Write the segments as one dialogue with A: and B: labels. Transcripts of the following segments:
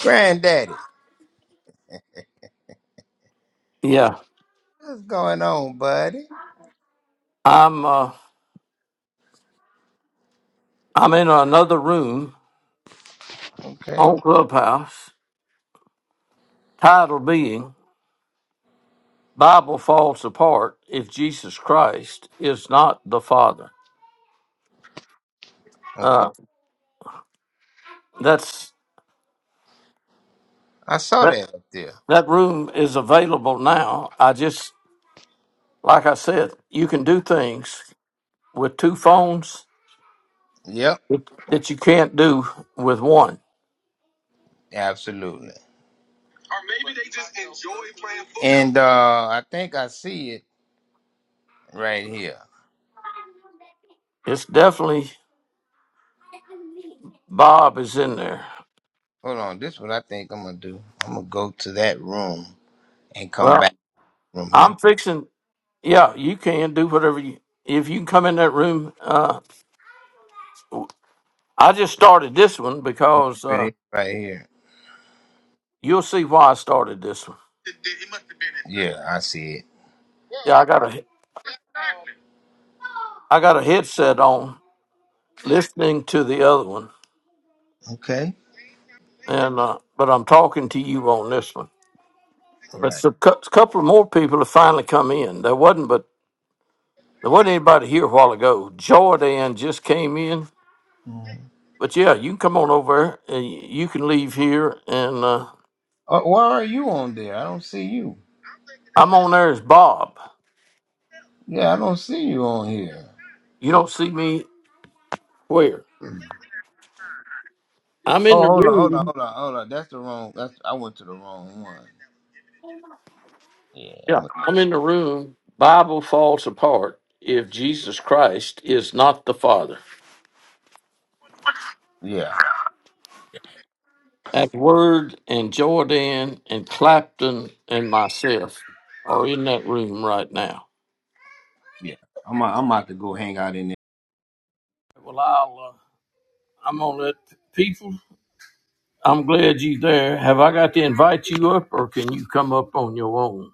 A: Granddaddy,
B: Yeah,
A: what's going on, buddy?
B: I'm. Uh, I'm in another room
A: Okay,
B: on Clubhouse. Title being "Bible Falls Apart If Jesus Christ Is Not the Father."
A: okay.
B: Uh, that's
A: I saw
B: that.
A: that up there.
B: That room is available now. I just, like I said, you can do things with two phones
A: Yep,
B: that that you can't do with one.
A: absolutely. Or maybe they just enjoy playing football. And uh, I think I see it right here.
B: It's definitely Bob is in there.
A: Hold on, this is what I think I'm gonna do. I'm gonna go to that room and come
B: Well,
A: back from here.
B: I'm fixing. Yeah, you can do whatever you. If you can come in that room, uh, I just started this one because
A: Right Here It
B: uh,
A: is right here.
B: you'll see why I started this one.
A: It, it- must have been it. Yeah, I see it.
B: Yeah, I got a
A: Exactly.
B: I got a headset on, listening to the other one,
A: Okay,
B: and uh, but I'm talking to you on this one.
A: all
B: But
A: right.
B: a couple more people have finally come in. There wasn't but there wasn't anybody here a while ago. Jordan just came in,
A: Mhm.
B: but yeah, you can come on over and you can leave here, and uh,
A: Uh, why are you on there? I don't see you.
B: I'm on there as Bob.
A: Yeah, I don't see you on here.
B: You don't see me where?
A: Hmm.
B: I'm in
A: Oh,
B: the
A: hold on, hold on,
B: room.
A: hold on, hold on. That's the wrong. That's I went to the wrong one. Yeah,
B: Yeah.
A: I'm a,
B: I'm in the room. Bible falls apart if Jesus Christ is not the Father.
A: yeah,
B: That word and Jordan and Clapton and myself are in that room right now.
A: yeah. I'm a, I'm about to go hang out in there.
B: Well, I'll, uh, I'm going to let the people, I'm glad you there. Have I got to invite you up or can you come up on your own?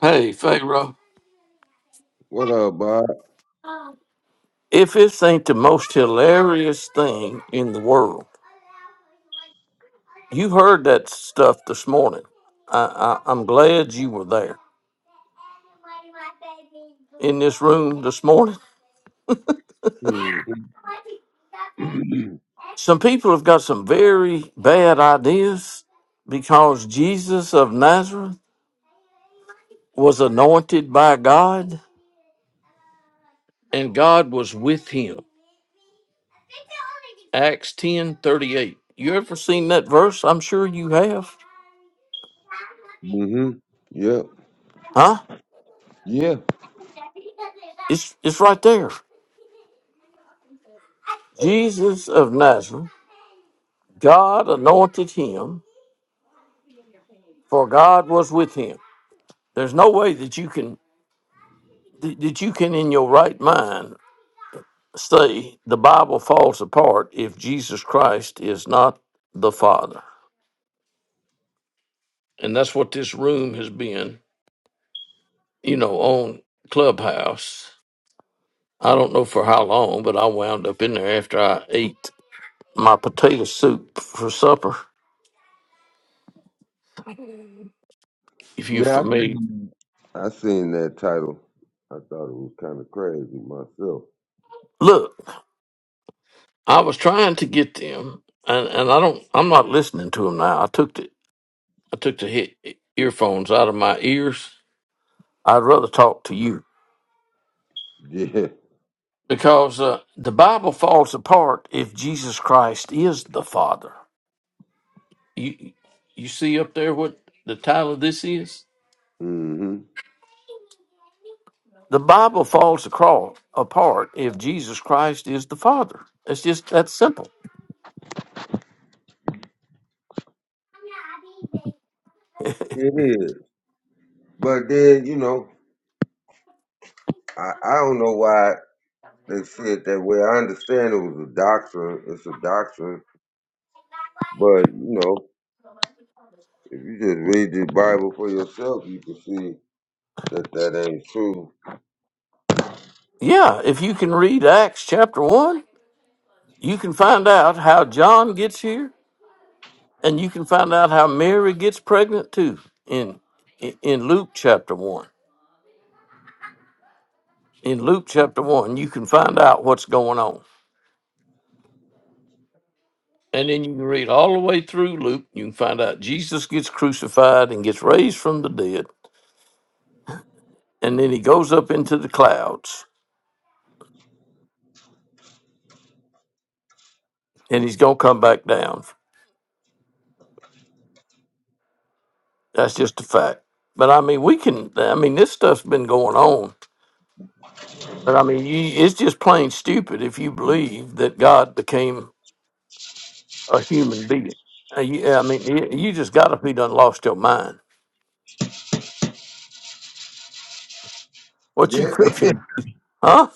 B: Hey, Pharaoh,
C: What up, Bob?
B: if this ain't the most hilarious thing in the world, You heard that stuff this morning. I, I, I'm glad you were there in this room this morning.
C: Mm-hmm.
B: Some people have got some very bad ideas because Jesus of Nazareth was anointed by God and God was with him. Acts ten thirty eight. You ever seen that verse? I'm sure you have.
C: hmm Yep.
B: Huh?
C: Yeah.
B: It's, it's right there. Jesus of Nazareth, God anointed him for God was with him. There's no way that you can that that you can in your right mind say the Bible falls apart if Jesus Christ is not the Father. And that's what this room has been, you know, on Clubhouse. I don't know for how long, but I wound up in there after I ate my potato soup for supper. If you're
C: Yeah. I
B: familiar,
C: seen I seen that title. I thought it was kind of crazy myself.
B: look, I was trying to get them, and, and I don't. I'm not listening to them now. I took the I took the hit earphones out of my ears. I'd rather talk to you
C: Yeah.
B: because uh, the Bible falls apart if Jesus Christ is the Father. You you see up there what the title of this is?
C: hmm
B: The Bible falls across, apart if Jesus Christ is the Father. It's just that simple.
C: It is. But then, you know, I, I don't know why they said that way. I understand it was a doctrine. It's a doctrine. But, you know, if you just read the Bible for yourself, you can see that that ain't true.
B: Yeah, if you can read Acts chapter 1, you can find out how John gets here and you can find out how Mary gets pregnant too in in in Luke chapter 1. in Luke chapter 1, you can find out what's going on. And then you can read all the way through Luke. You can find out Jesus gets crucified and gets raised from the dead. And then he goes up into the clouds and he's going to come back down. That's just a fact. But I mean, we can, I mean, this stuff's been going on. But I mean, you, it's just plain stupid if you believe that God became a human being. Uh, you- I mean, you you just got to be done lost your mind. What you
C: Yeah.
B: cooking? Huh?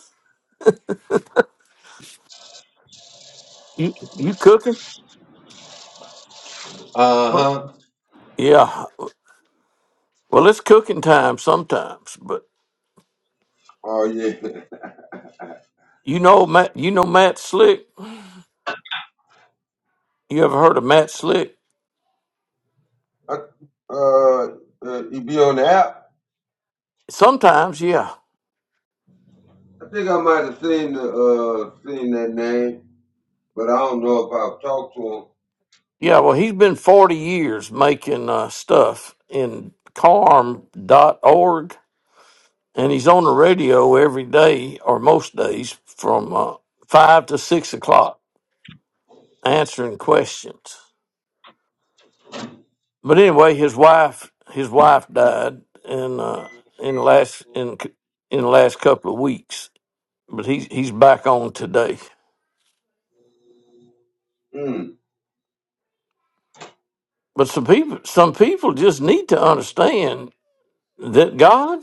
B: You, you cooking?
C: uh-huh.
B: Yeah. Well, it's cooking time sometimes, but
C: Oh, yeah.
B: you know Matt. You know Matt Slick. You ever heard of Matt Slick?
C: I, uh, uh, you be on the app.
B: Sometimes, yeah,
C: I think I might have seen the uh seen that name, but I don't know if I've talked to
B: yeah. Well, he's been forty years making uh, stuff in carm.org, and he's on the radio every day or most days from uh, five to six o'clock answering questions. But anyway, his wife his wife died in uh, in the last
C: him.
B: in in the last couple of weeks but he's he's back on today.
C: Mm.
B: But some people some people just need to understand that God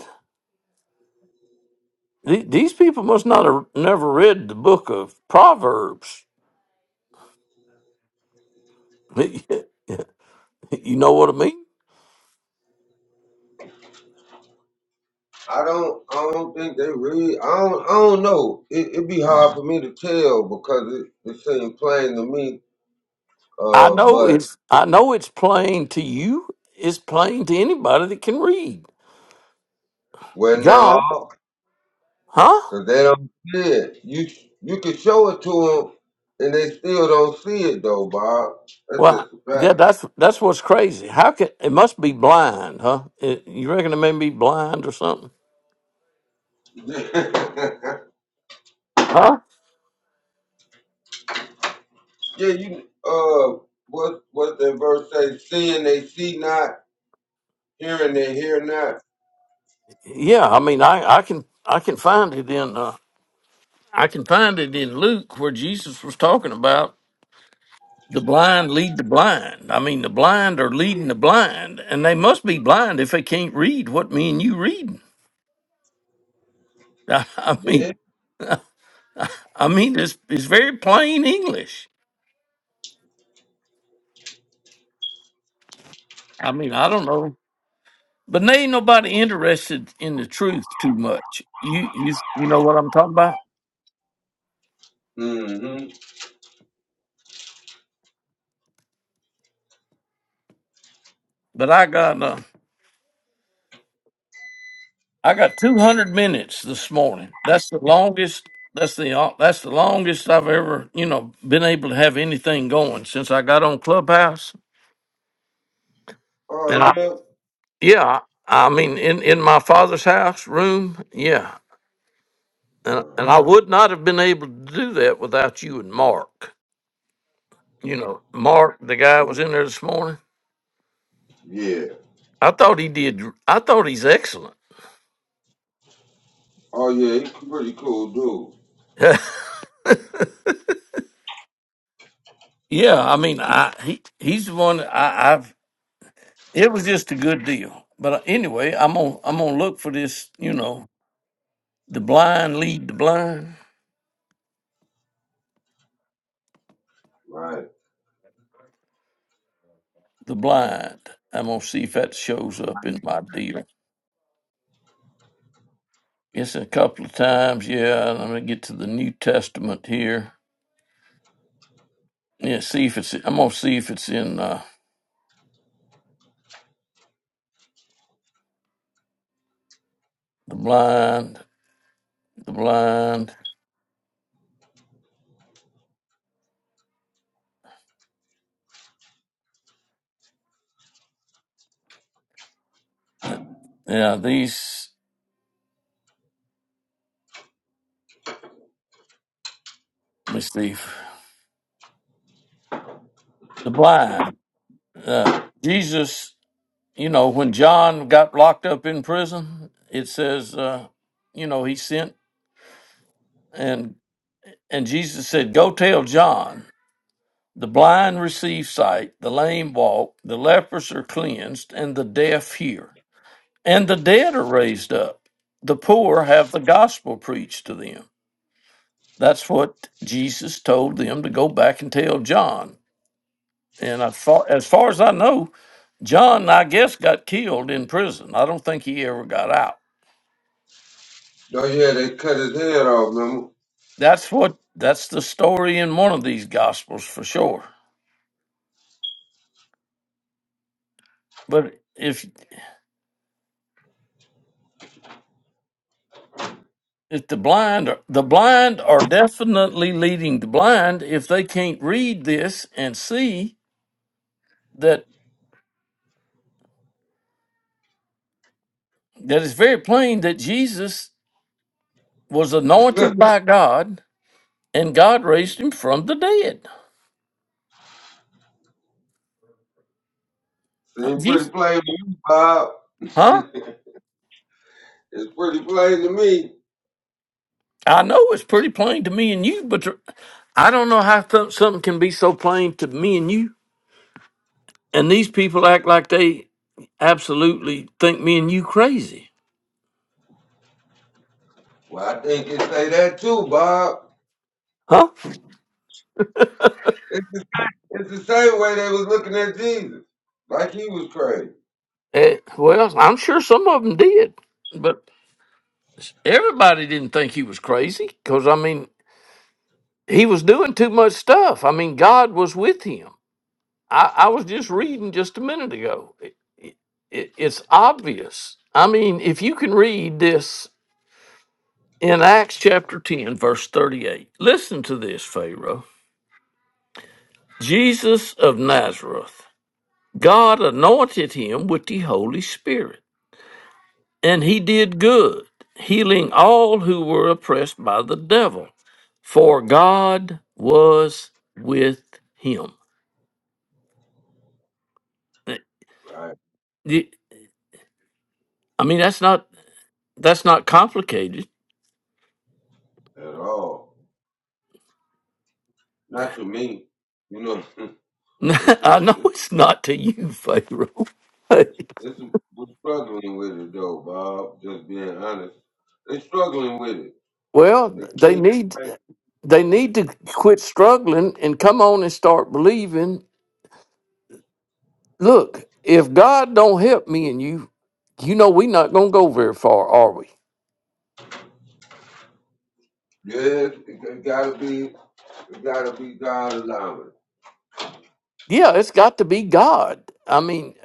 B: the- these people must not have never read the book of Proverbs. you know what I mean?
C: I don't. I don't think they read. I don't. I don't know. It, it'd be hard for me to tell because it, it seemed plain to me.
B: I
C: Uh,
B: know
C: but
B: it's I know it's plain to you. It's plain to anybody that can read.
C: well,
B: God,
C: no,
B: huh?
C: because they don't see it. You you can show it to them, and they still don't see it though, Bob. That's
B: Well, yeah,
C: just
B: that's that's what's crazy. How can it must be blind, huh? It- you reckon it may be blind or something,
C: a fact.
B: huh?
C: Yeah, you uh what what the verse say? Seeing they see not, hearing they hear not.
B: Yeah, I mean, I I can I can find it in. uh, I can find it in Luke where Jesus was talking about the blind lead the blind. I mean, the blind are leading the blind, and they must be blind if they can't read what me and you reading. I mean,
C: Yeah.
B: I mean, it's, it's very plain English. I mean, I don't know, but there ain't nobody interested in the truth too much. You you you know what I'm talking about?
C: Mm-hmm.
B: But I got uh, I got 200 minutes this morning. That's the longest. That's the uh, that's the longest I've ever you know been able to have anything going since I got on Clubhouse.
C: Oh
B: And I,
C: yeah.
B: yeah, I mean in in my father's house room. Yeah, and
C: Right.
B: and I would not have been able to do that without you and Mark. You know, Mark, the guy that was in there this morning.
C: Yeah.
B: I thought he did. I thought he's excellent.
C: Oh yeah, he's a pretty cool dude.
B: yeah, I mean, I he he's the one I, I've It was just a good deal. But uh, anyway, I'm gonna I'm gonna look for this. You know, the blind lead the blind.
C: Right.
B: The blind. I'm gonna see if that shows up in my deal. It's a couple of times. Yeah, and I'm gonna get to the New Testament here. Yeah, see if it's. I'm gonna see if it's in uh, the blind. The blind. Yeah, these. Let me see. The blind. Uh, Jesus. You know, when John got locked up in prison, it says. Uh, you know, he sent and and Jesus said, "Go tell John, the blind receive sight, the lame walk, the lepers are cleansed, and the deaf hear, and the dead are raised up. The poor have the gospel preached to them." That's what Jesus told them to go back and tell John. And I thought, as far as I know, John, I guess, got killed in prison. I don't think he ever got out.
C: Oh yeah, they cut his head off, remember?
B: That's what that's the story in one of these gospels for sure. But if If the blind are, the blind are definitely leading the blind if they can't read this and see that that it's very plain that Jesus was anointed by God and God raised him from the dead. Uh,
C: Seemed pretty
B: Jesus,
C: plain to me, Bob.
B: huh?
C: it's pretty plain to me.
B: I know it's pretty plain to me and you, but the- I don't know how th- something can be so plain to me and you. And these people act like they absolutely think me and you crazy,
C: Well, I think it say that too, Bob.
B: huh?
C: It's the, it's the same way they was looking at Jesus. Like he was crazy.
B: Eh, well, I'm sure some of them did, but Everybody didn't think he was crazy because, I mean, he was doing too much stuff. I mean, God was with him. I, I was just reading just a minute ago. It, it, it's obvious. I mean, if you can read this in Acts chapter 10, verse 38, listen to this, Pharaoh. Jesus of Nazareth, God anointed him with the Holy Spirit, and he did good, healing all who were oppressed by the devil for God was with him. Eh,
C: Right.
B: you- I mean, that's not that's not complicated.
C: At all. Not to me. You know. There's
B: I
C: some,
B: know
C: it's,
B: it's not to you, Pharaoh.
C: it's some, we're struggling with it though, Bob. Just being honest, they're struggling with it.
B: well,
C: They
B: they
C: can't.
B: need
C: Right.
B: they need to quit struggling and come on and start believing. Look, if God don't help me and you, you know we're not gonna go very far, are we?
C: Yes, it, it gotta be, it gotta be God allowing.
B: Yeah, it's got to be God. I mean,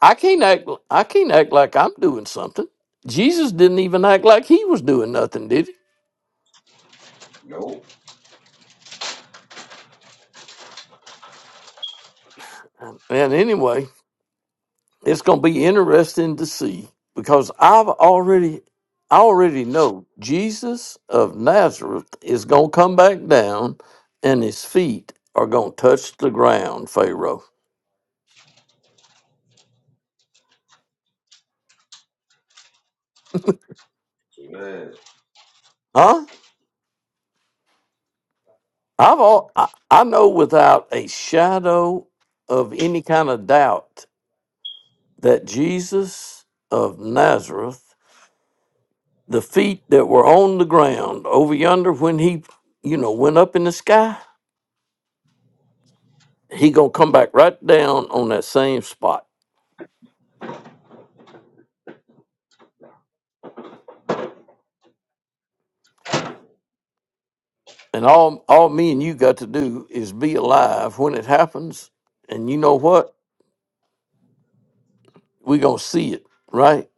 B: I can't act I can't act like I'm doing something. Jesus didn't even act like he was doing nothing, did he?
C: Nope,
B: And anyway, it's going to be interesting to see because I've already I already know Jesus of Nazareth is going to come back down and his feet are going to touch the ground, Pharaoh.
C: man.
B: Huh? I've all, I, I know without a shadow of any kind of doubt that Jesus of Nazareth, the feet that were on the ground over yonder when he, you know, went up in the sky, he gonna come back right down on that same spot. And all all me and you got to do is be alive when it happens. And you know what? We gonna see it, right?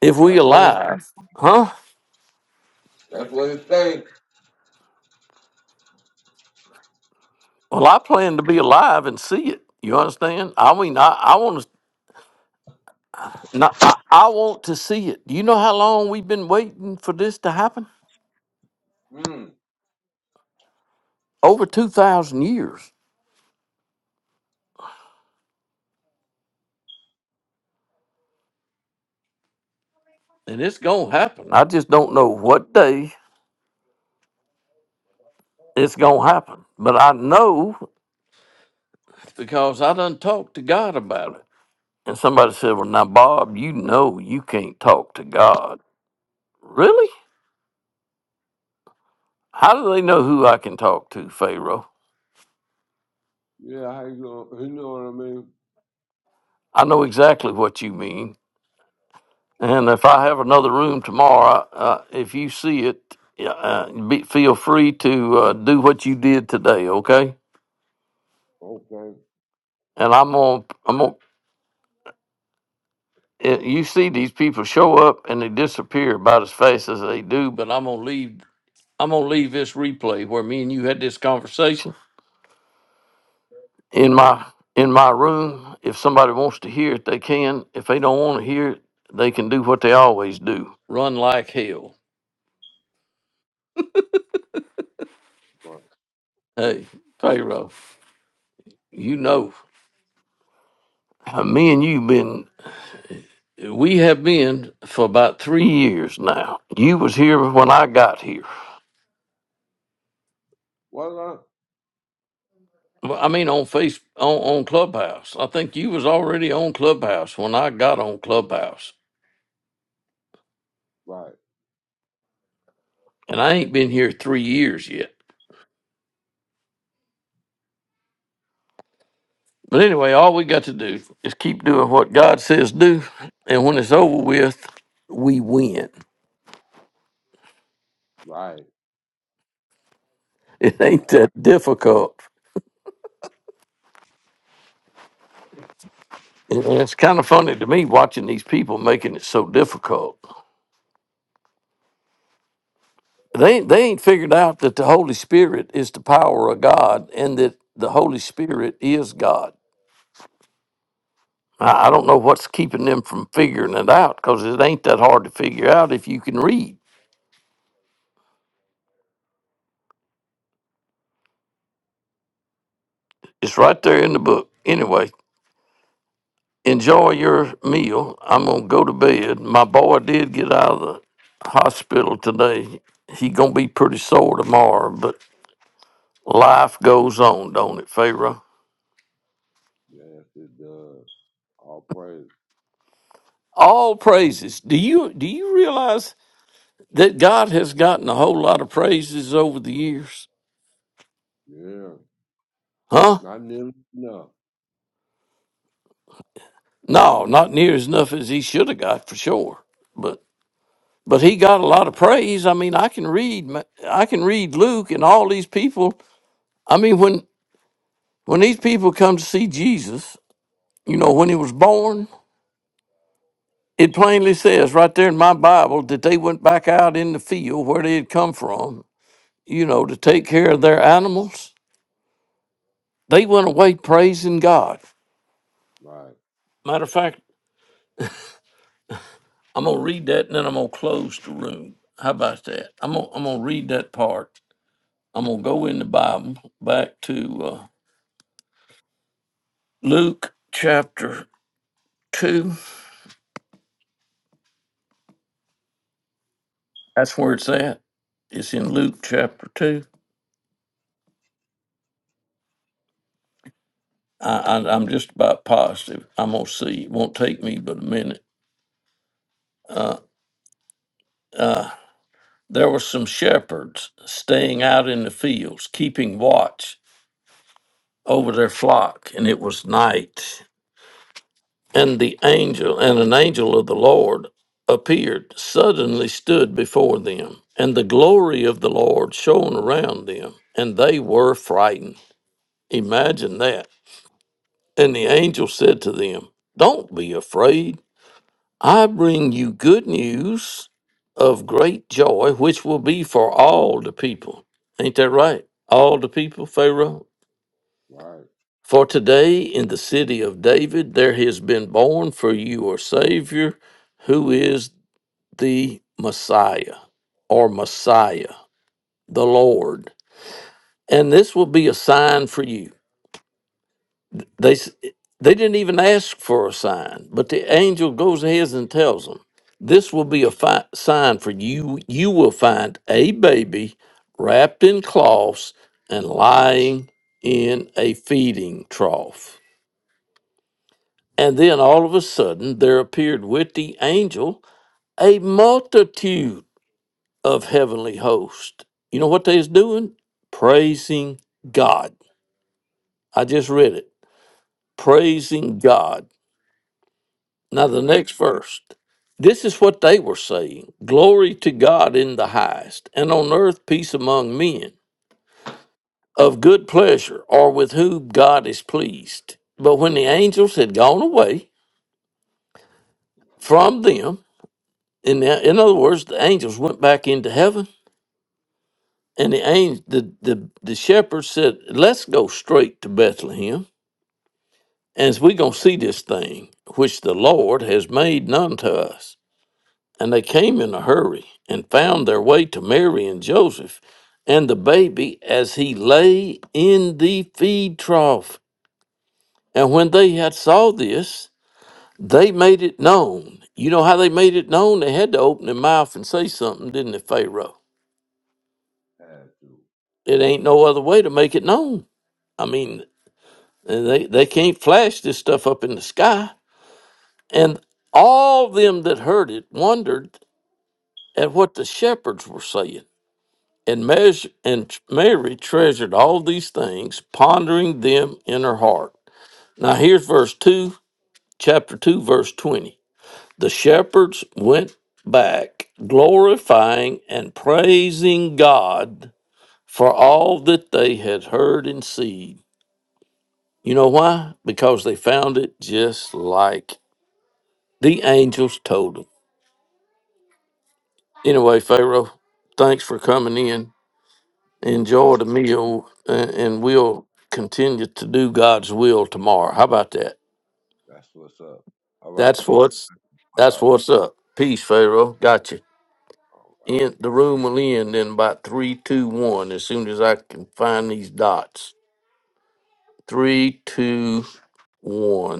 B: If we
C: That's what it.
B: alive, huh?
C: That's what it says.
B: Well, I plan to be alive and see it. You understand? I mean, I, I want to, I, I want to see it. Do you know how long we've been waiting for this to happen?
C: Hmm.
B: over 2,000 years. And it's going to happen I just don't know what day it's going to happen, but I know. because I done talked to God about it. And somebody said, Well, now, Bob, you know you can't talk to God. Really? How do they know who I can talk to, Pharaoh?
C: Yeah, how you gonna? You know what I mean?
B: I know exactly what you mean. And if I have another room tomorrow, uh, if you see it, yeah, uh, be, feel free to uh, do what you did today, okay?
C: Okay,
B: And I'm gonna, gonna. I'm gonna it, you see these people show up and they disappear about as fast as they do. But I'm gonna leave. I'm gonna leave this replay where me and you had this conversation in
C: right,
B: my in my room. If somebody wants to hear it, they can. If they don't want to hear it, they can do what they always do: run like hell.
C: right.
B: Hey, Pharaoh, you know, uh, me and you been. We have been for about three years now. You was here when I got here.
C: What? I-
B: Well, I mean, on face on on Clubhouse. I think you was already on Clubhouse when I got on Clubhouse,
C: Right,
B: and I ain't been here three years yet. But anyway, all we got to do is keep doing what God says do, and when it's over with, we win.
C: right,
B: It ain't
C: right.
B: that difficult. And it's kind of funny to me watching these people making it so difficult. They ain't- they ain't figured out that the Holy Spirit is the power of God, and that the Holy Spirit is God I, I don't know what's keeping them from figuring it out because it ain't that hard to figure out if you can read. It's right there in the book. Anyway, enjoy your meal. I'm gonna go to bed. My boy did get out of the hospital today. He gonna be pretty sore tomorrow, but life goes on, don't it, Pharaoh?
C: Yes, it does. All praise.
B: All praises. Do you do you realize that God has gotten a whole lot of praises over the years?
C: Yeah,
B: Huh?
C: not nearly enough.
B: No, not near as enough as he should have got for sure. But but he got a lot of praise. I mean, I can read, ma- I can read Luke and all these people. I mean, when when these people come to see Jesus, you know, when he was born, it plainly says right there in my Bible that they went back out in the field where they had come from, you know, to take care of their animals. They went away praising God.
C: Right,
B: Matter of fact, I'm gonna read that and then I'm gonna close the room. How about that? I'm gonna I'm gonna read that part. I'm gonna go in the Bible back to uh, Luke chapter 2. That's where it's at. It's in Luke chapter 2. I, I, I'm just about positive. I'm going to see. It won't take me but a minute. Uh, uh, there were some shepherds staying out in the fields, keeping watch over their flock, and it was night. And the angel, and an angel of the Lord appeared, suddenly stood before them, and the glory of the Lord shone around them, and they were frightened. Imagine that. And the angel said to them, Don't be afraid. I bring you good news of great joy, which will be for all the people. Ain't that right? All the people, Pharaoh.
C: right.
B: For today in the city of David there has been born for you a Savior who is the Messiah or Messiah, the Lord. And this will be a sign for you. They s- they didn't even ask for a sign, but the angel goes ahead and tells them, "This will be a fi- sign for you. You will find a baby wrapped in cloths and lying in a feeding trough." And then all of a sudden, there appeared with the angel a multitude of heavenly hosts. You know what they was doing? Praising God. I just read it. Praising God Now, the
C: Amen.
B: next verse. This is what they were saying Glory to God in the highest, and on earth peace among men, of good pleasure, or with whom God is pleased. But when the angels had gone away from them, in, the, in other words, the angels went back into heaven, and the, angel, the, the, the shepherds said, Let's go straight to Bethlehem, and we're going to see this thing which the Lord has made known to us. And they came in a hurry and found their way to Mary and Joseph and the baby as he lay in the feed trough. And when they had saw this, they made it known. You know how they made it known? They had to open their mouth and say something, didn't they, Pharaoh?
C: Had to.
B: It ain't no other way to make it known. I mean, they, they can't flash this stuff up in the sky. And all them that heard it wondered at what the shepherds were saying. And, measure, and Mary treasured all these things, pondering them in her heart. Now, here's verse 2, chapter 2, verse 20. The shepherds went back, glorifying and praising God for all that they had heard and seen. You know why? Because they found it just like the angels told them. Anyway, Pharaoh, thanks for coming in. enjoyed a meal and, and we'll continue to do God's will tomorrow. How about that?
C: That's what's up. All right,
B: That's
C: peace,
B: what's that's
C: Bob.
B: what's up. Peace, Pharaoh. Got you.
C: All
B: In, the room will end in about three, two, one. As soon as I can find these dots. Three, two, one.